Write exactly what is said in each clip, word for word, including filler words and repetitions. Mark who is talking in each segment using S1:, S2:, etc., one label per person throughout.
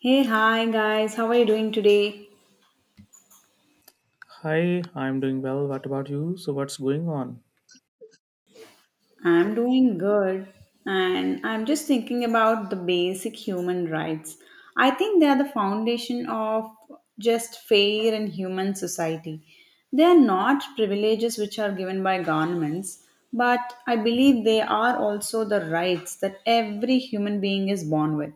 S1: Hey, hi guys, how are you doing today?
S2: Hi, I'm doing well. What about you? So, what's going on?
S1: I'm doing good, and I'm just thinking about the basic human rights. I think they are the foundation of just fair and human society. They are not privileges which are given by governments, but I believe they are also the rights that every human being is born with,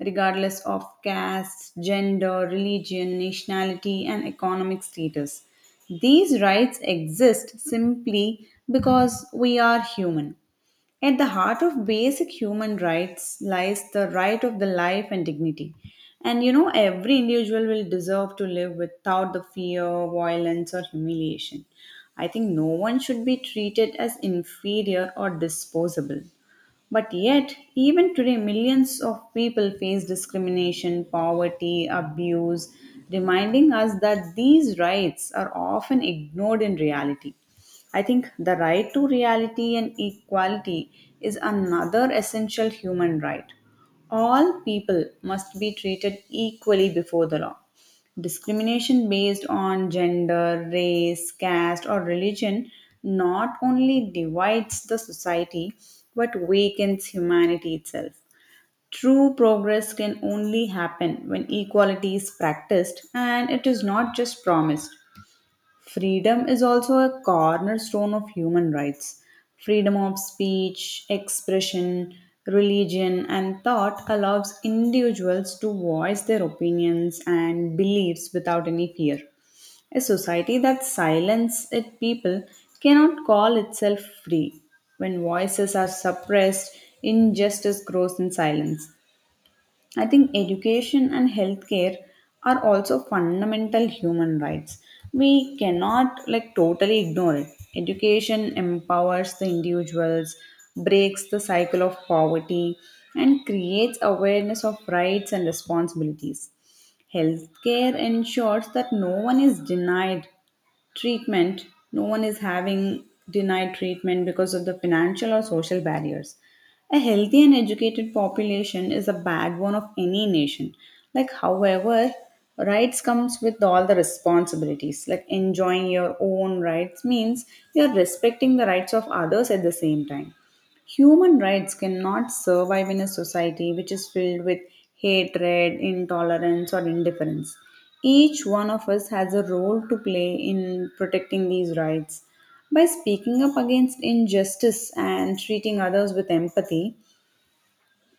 S1: regardless of caste, gender, religion, nationality, and economic status. These rights exist simply because we are human. At the heart of basic human rights lies the right of the life and dignity. And you know, every individual will deserve to live without the fear, violence, or humiliation. I think no one should be treated as inferior or disposable. But yet, even today, millions of people face discrimination, poverty, abuse, reminding us that these rights are often ignored in reality. I think the right to reality and equality is another essential human right. All people must be treated equally before the law. Discrimination based on gender, race, caste, or religion not only divides the society but weakens humanity itself. True progress can only happen when equality is practiced and it is not just promised. Freedom is also a cornerstone of human rights. Freedom of speech, expression, religion, and thought allows individuals to voice their opinions and beliefs without any fear. A society that silences its people cannot call itself free. When voices are suppressed, injustice grows in silence. I think education and healthcare are also fundamental human rights. We cannot like totally ignore it. Education empowers the individuals, breaks the cycle of poverty, and creates awareness of rights and responsibilities. Healthcare ensures that no one is denied treatment, no one is having denied treatment because of the financial or social barriers. A healthy and educated population is the backbone of any nation. Like, however, rights comes with all the responsibilities. Like, enjoying your own rights means you are respecting the rights of others at the same time. Human rights cannot survive in a society which is filled with hatred, intolerance, or indifference. Each one of us has a role to play in protecting these rights. By speaking up against injustice and treating others with empathy,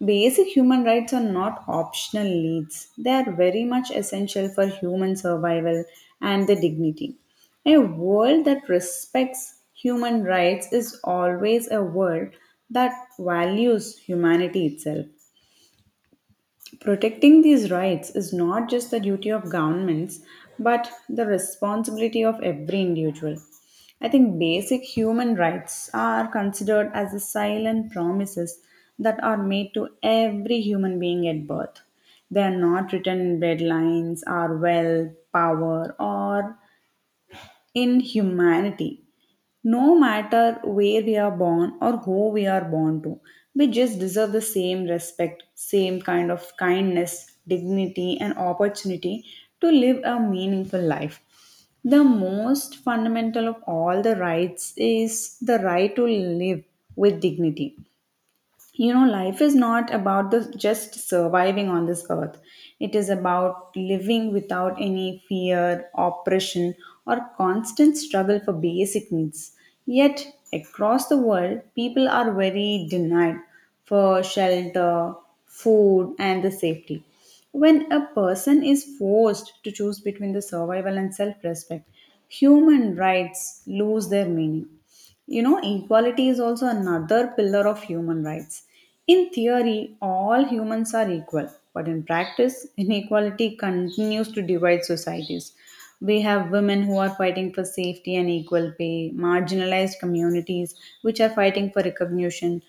S1: basic human rights are not optional needs. They are very much essential for human survival and the dignity. A world that respects human rights is always a world that values humanity itself. Protecting these rights is not just the duty of governments, but the responsibility of every individual. I think basic human rights are considered as the silent promises that are made to every human being at birth. They are not written in breadlines, our wealth, power, or in humanity. No matter where we are born or who we are born to, we just deserve the same respect, same kind of kindness, dignity, and opportunity to live a meaningful life. The most fundamental of all the rights is the right to live with dignity. You know, life is not about the just surviving on this earth. It is about living without any fear, oppression, or constant struggle for basic needs. Yet, across the world, people are very denied for shelter, food, and the safety. When a person is forced to choose between the survival and self-respect, human rights lose their meaning. You know, equality is also another pillar of human rights. In theory, all humans are equal, but in practice, inequality continues to divide societies. We have women who are fighting for safety and equal pay, marginalized communities which are fighting for recognition,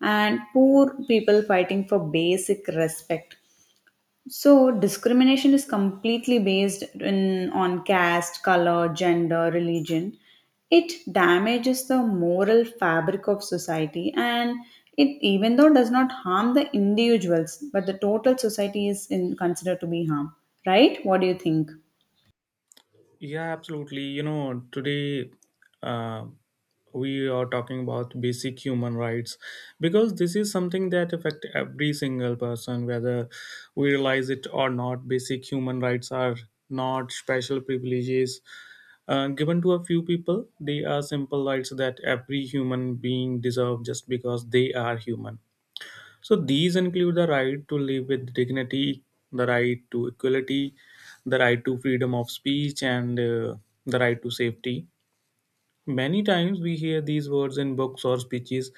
S1: and poor people fighting for basic respect. So discrimination is completely based in on caste, color, gender, religion. It damages the moral fabric of society, and it even though does not harm the individuals, but the total society is in, considered to be harm, right? What do you think?
S2: Yeah, absolutely. You know, today uh, we are talking about basic human rights because this is something that affect every single person, whether we realize it or not. Basic human rights are not special privileges uh, given to a few people. They are simple rights that every human being deserve just because they are human. So these include the right to live with dignity, the right to equality, the right to freedom of speech, and uh, the right to safety. Many times we hear these words in books or speeches,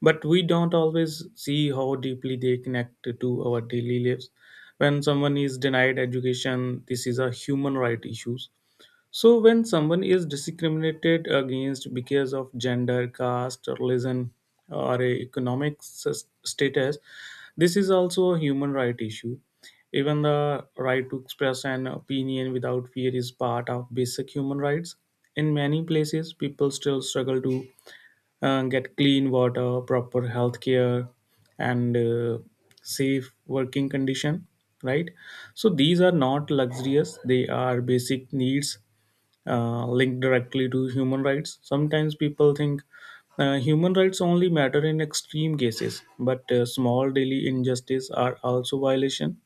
S2: but we don't always see how deeply they connect to our daily lives. When someone is denied education, this is a human right issue. So when someone is discriminated against because of gender, caste, or religion, or a economic s- status, this is also a human right issue. Even the right to express an opinion without fear is part of basic human rights. In many places, people still struggle to uh, get clean water, proper health care, and uh, safe working condition. Right, so these are not luxurious; they are basic needs uh, linked directly to human rights. Sometimes people think uh, human rights only matter in extreme cases, but uh, small daily injustices are also violation.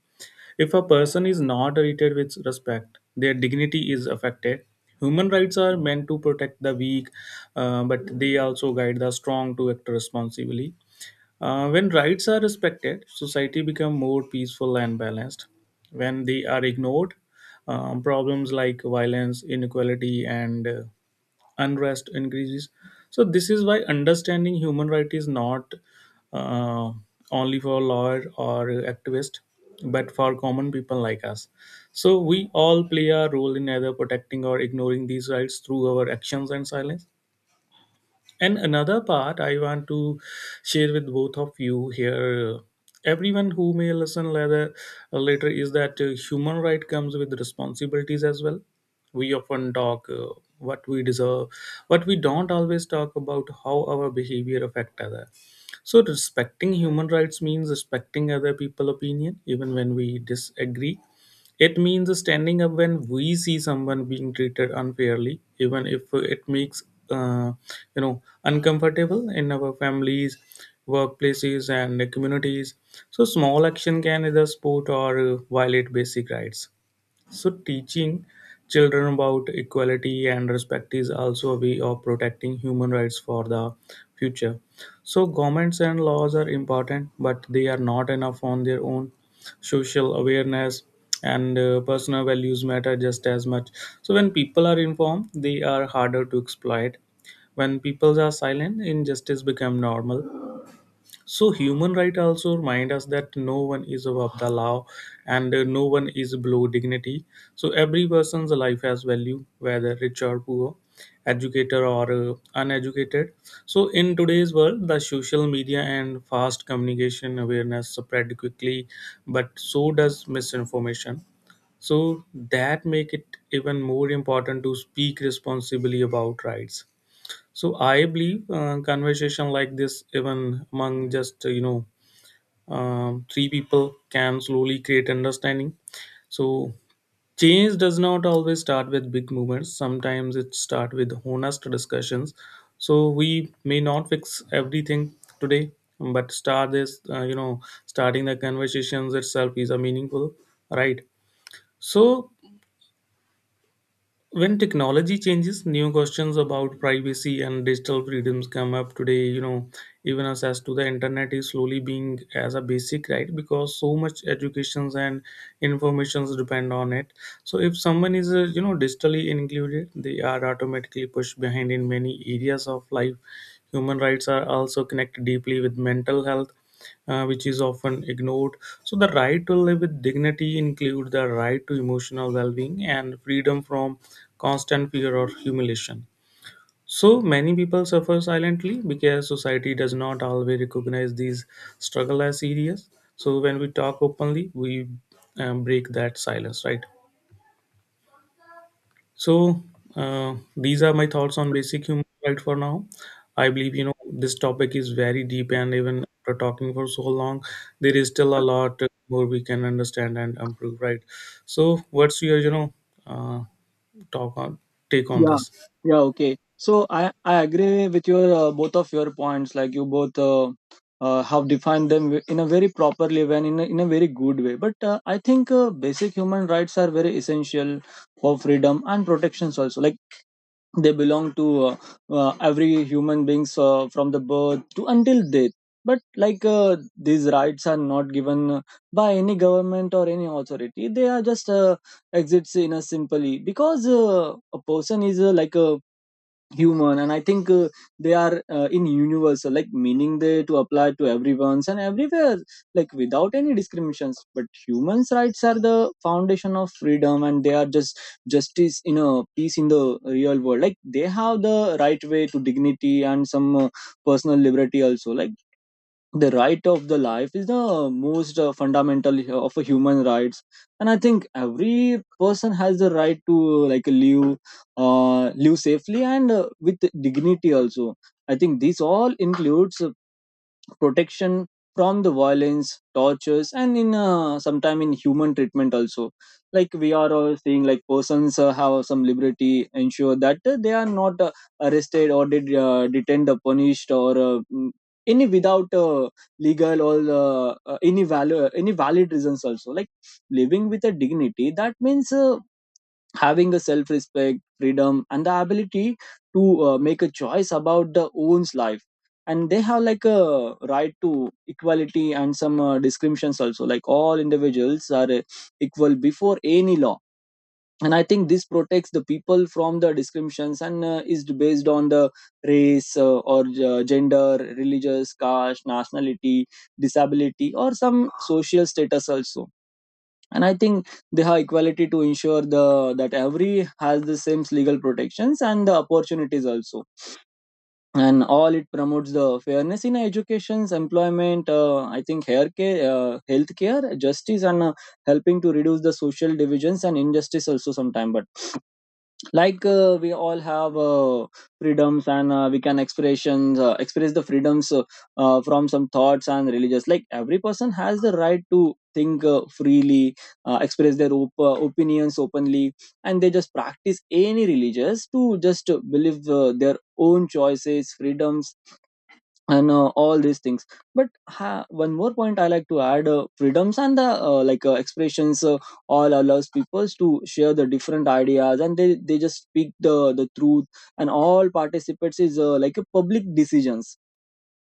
S2: If a person is not treated with respect, their dignity is affected. Human rights are meant to protect the weak, uh, but they also guide the strong to act responsibly. Uh, when rights are respected, society becomes more peaceful and balanced. When they are ignored, um, problems like violence, inequality, and uh, unrest increases. So this is why understanding human rights is not uh, only for lawyer or activist, but for common people like us. So we all play a role in either protecting or ignoring these rights through our actions and silence. And another part I want to share with both of you here, uh, everyone who may listen later, later is that uh, human right comes with responsibilities as well. We often talk uh, what we deserve, but we don't always talk about how our behavior affect other. So respecting human rights means respecting other people opinion, even when we disagree. It means standing up when we see someone being treated unfairly, even if it makes uh, you know uncomfortable in our families, workplaces, and communities. So small action can either support or uh, violate basic rights. So, teaching children about equality and respect is also a way of protecting human rights for the future. So, governments and laws are important, but they are not enough on their own. Social awareness and uh, personal values matter just as much. So, when people are informed, they are harder to exploit. When peoples are silent, injustice become normal. So human right also remind us that no one is above the law and uh, no one is below dignity. So every person's life has value, whether rich or poor, educated or uh, uneducated. So in today's world, the social media and fast communication awareness spread quickly, but so does misinformation. So that make it even more important to speak responsibly about rights. So I believe uh, conversation like this, even among just uh, you know um, three people, can slowly create understanding. So change does not always start with big movements. Sometimes it starts with honest discussions. So we may not fix everything today, but start this uh, you know starting the conversations itself is a meaningful right. So when technology changes new questions about privacy and digital freedoms come up today, you know, even access to the internet is slowly being as a basic right, because so much educations and informations depend on it. So if someone is uh, you know digitally included, they are automatically pushed behind in many areas of life. Human rights are also connected deeply with mental health, uh, which is often ignored. So, the right to live with dignity includes the right to emotional well being and freedom from constant fear or humiliation. So, many people suffer silently because society does not always recognize these struggle as serious. So, when we talk openly, we um, break that silence, right? So uh, these are my thoughts on basic human rights for now. I believe you know this topic is very deep, and even after talking for so long, there is still a lot more we can understand and improve. Right. So, what's your you know uh, talk on take on
S3: Yeah,
S2: this?
S3: yeah, okay. So I I agree with your uh, both of your points. Like you both uh, uh, have defined them wi- in a very properly way and in a, in a very good way. But uh, I think uh, basic human rights are very essential for freedom and protections also. Like they belong to uh, uh, every human beings uh, from the birth to until death, but like uh, these rights are not given by any government or any authority. They are just uh, exits in a simply because uh, a person is uh, like a human. And I think uh, they are uh, in universal, like meaning they to apply to everyone's and everywhere like without any discriminations, but humans rights are the foundation of freedom, and they are just justice in a peace in the real world. Like they have the right way to dignity and some uh, personal liberty also. Like the right of the life is the most uh, fundamental uh, of a human rights, and I think every person has the right to uh, like live uh, live safely and uh, with dignity also. I think this all includes protection from the violence tortures and in uh, sometime in human treatment also. Like we are all seeing like persons uh, have some liberty ensure that uh, they are not uh, arrested or did, uh, detained or punished or uh, mm, any without uh, legal or uh, uh, any value any valid reasons also. Like living with a dignity, that means uh, having a self respect freedom and the ability to uh, make a choice about their own life. And they have like a right to equality and some uh, descriptions also, like all individuals are uh, equal before any law. And I think this protects the people from the discriminations and uh, is based on the race uh, or uh, gender, religious, caste, nationality, disability or some social status also. And I think they have equality to ensure the that every has the same legal protections and the opportunities also. And all it promotes the fairness in educations, employment, uh, I think hair care uh, healthcare, justice and uh, helping to reduce the social divisions and injustice also sometime. But like uh, we all have uh, freedoms, and uh, we can expressions uh, express the freedoms uh, uh, from some thoughts and religious. Like every person has the right to think uh, freely, uh, express their op- uh, opinions openly, and they just practice any religious to just uh, believe uh, their own choices freedoms and uh, all these things. But ha- one more point I like to add, uh, freedoms and the uh, like uh, expressions uh, all allows peoples to share the different ideas, and they, they just speak the the truth and all participates is uh, like a public decisions.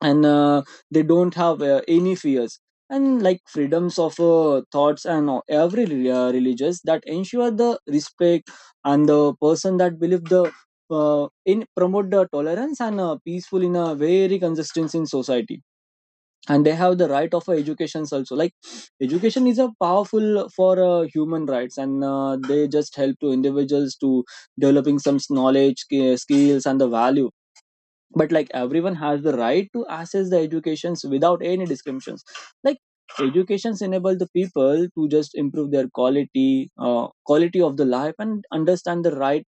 S3: And uh, they don't have uh, any fears. And like freedoms of uh, thoughts and uh, every re- uh, religious that ensure the respect and the person that believe the uh, in promote the tolerance and uh, peaceful in a very consistent in society. And they have the right of uh, educations also. Like education is a powerful for uh, human rights, and uh, they just help to individuals to developing some knowledge sk- skills and the value. But like everyone has the right to access the educations without any discriminations. Like educations enable the people to just improve their quality uh, quality of the life and understand the right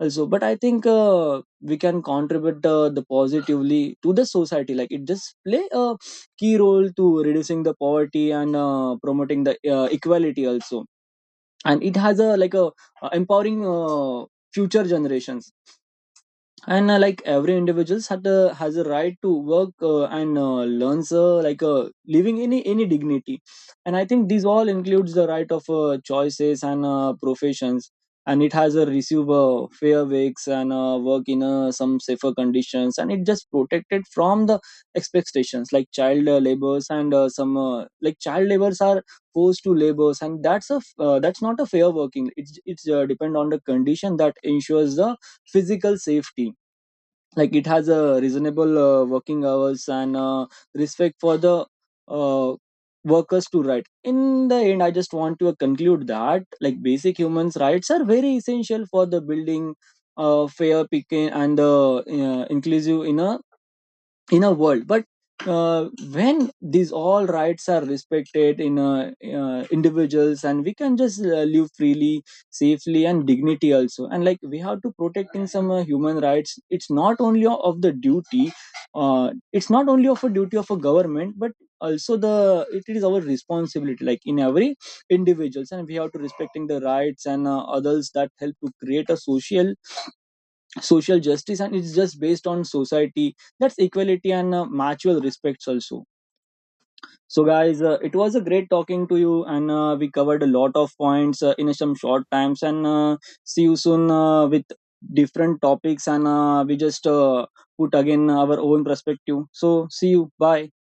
S3: also. But I think uh, we can contribute uh, the positively to the society. Like it just play a key role to reducing the poverty and uh, promoting the uh, equality also, and it has a like a uh, empowering uh, future generations. And uh, like every individuals had a, has a right to work uh, and uh, learns uh, like uh, living any any dignity. And I think these all includes the right of uh, choices and uh, professions, and it has a receive uh, fair wakes and uh, work in uh, some safer conditions, and it just protected from the expectations like child uh, labors and uh, some uh, like child labors are forced to labors. And that's a f- uh, that's not a fair working. It's it's uh, depend on the condition that ensures the physical safety. Like it has a reasonable uh, working hours and uh, respect for the uh, workers to right. In the end, I just want to conclude that like basic human rights are very essential for the building uh, fair picking and uh, uh, inclusive in a in a world. But uh, when these all rights are respected in uh, uh, individuals, and we can just uh, live freely, safely and dignity also. And like we have to protect in some uh, human rights. It's not only of the duty, uh, it's not only of a duty of a government, but also the it is our responsibility, like in every individuals, and we have to respecting the rights and uh, others that help to create a social social justice, and it's just based on society that's equality and uh, mutual respects also. So guys, uh, it was a great talking to you, and uh, we covered a lot of points uh, in some short times, and uh, see you soon uh, with different topics, and uh, we just uh, put again our own perspective. So see you bye.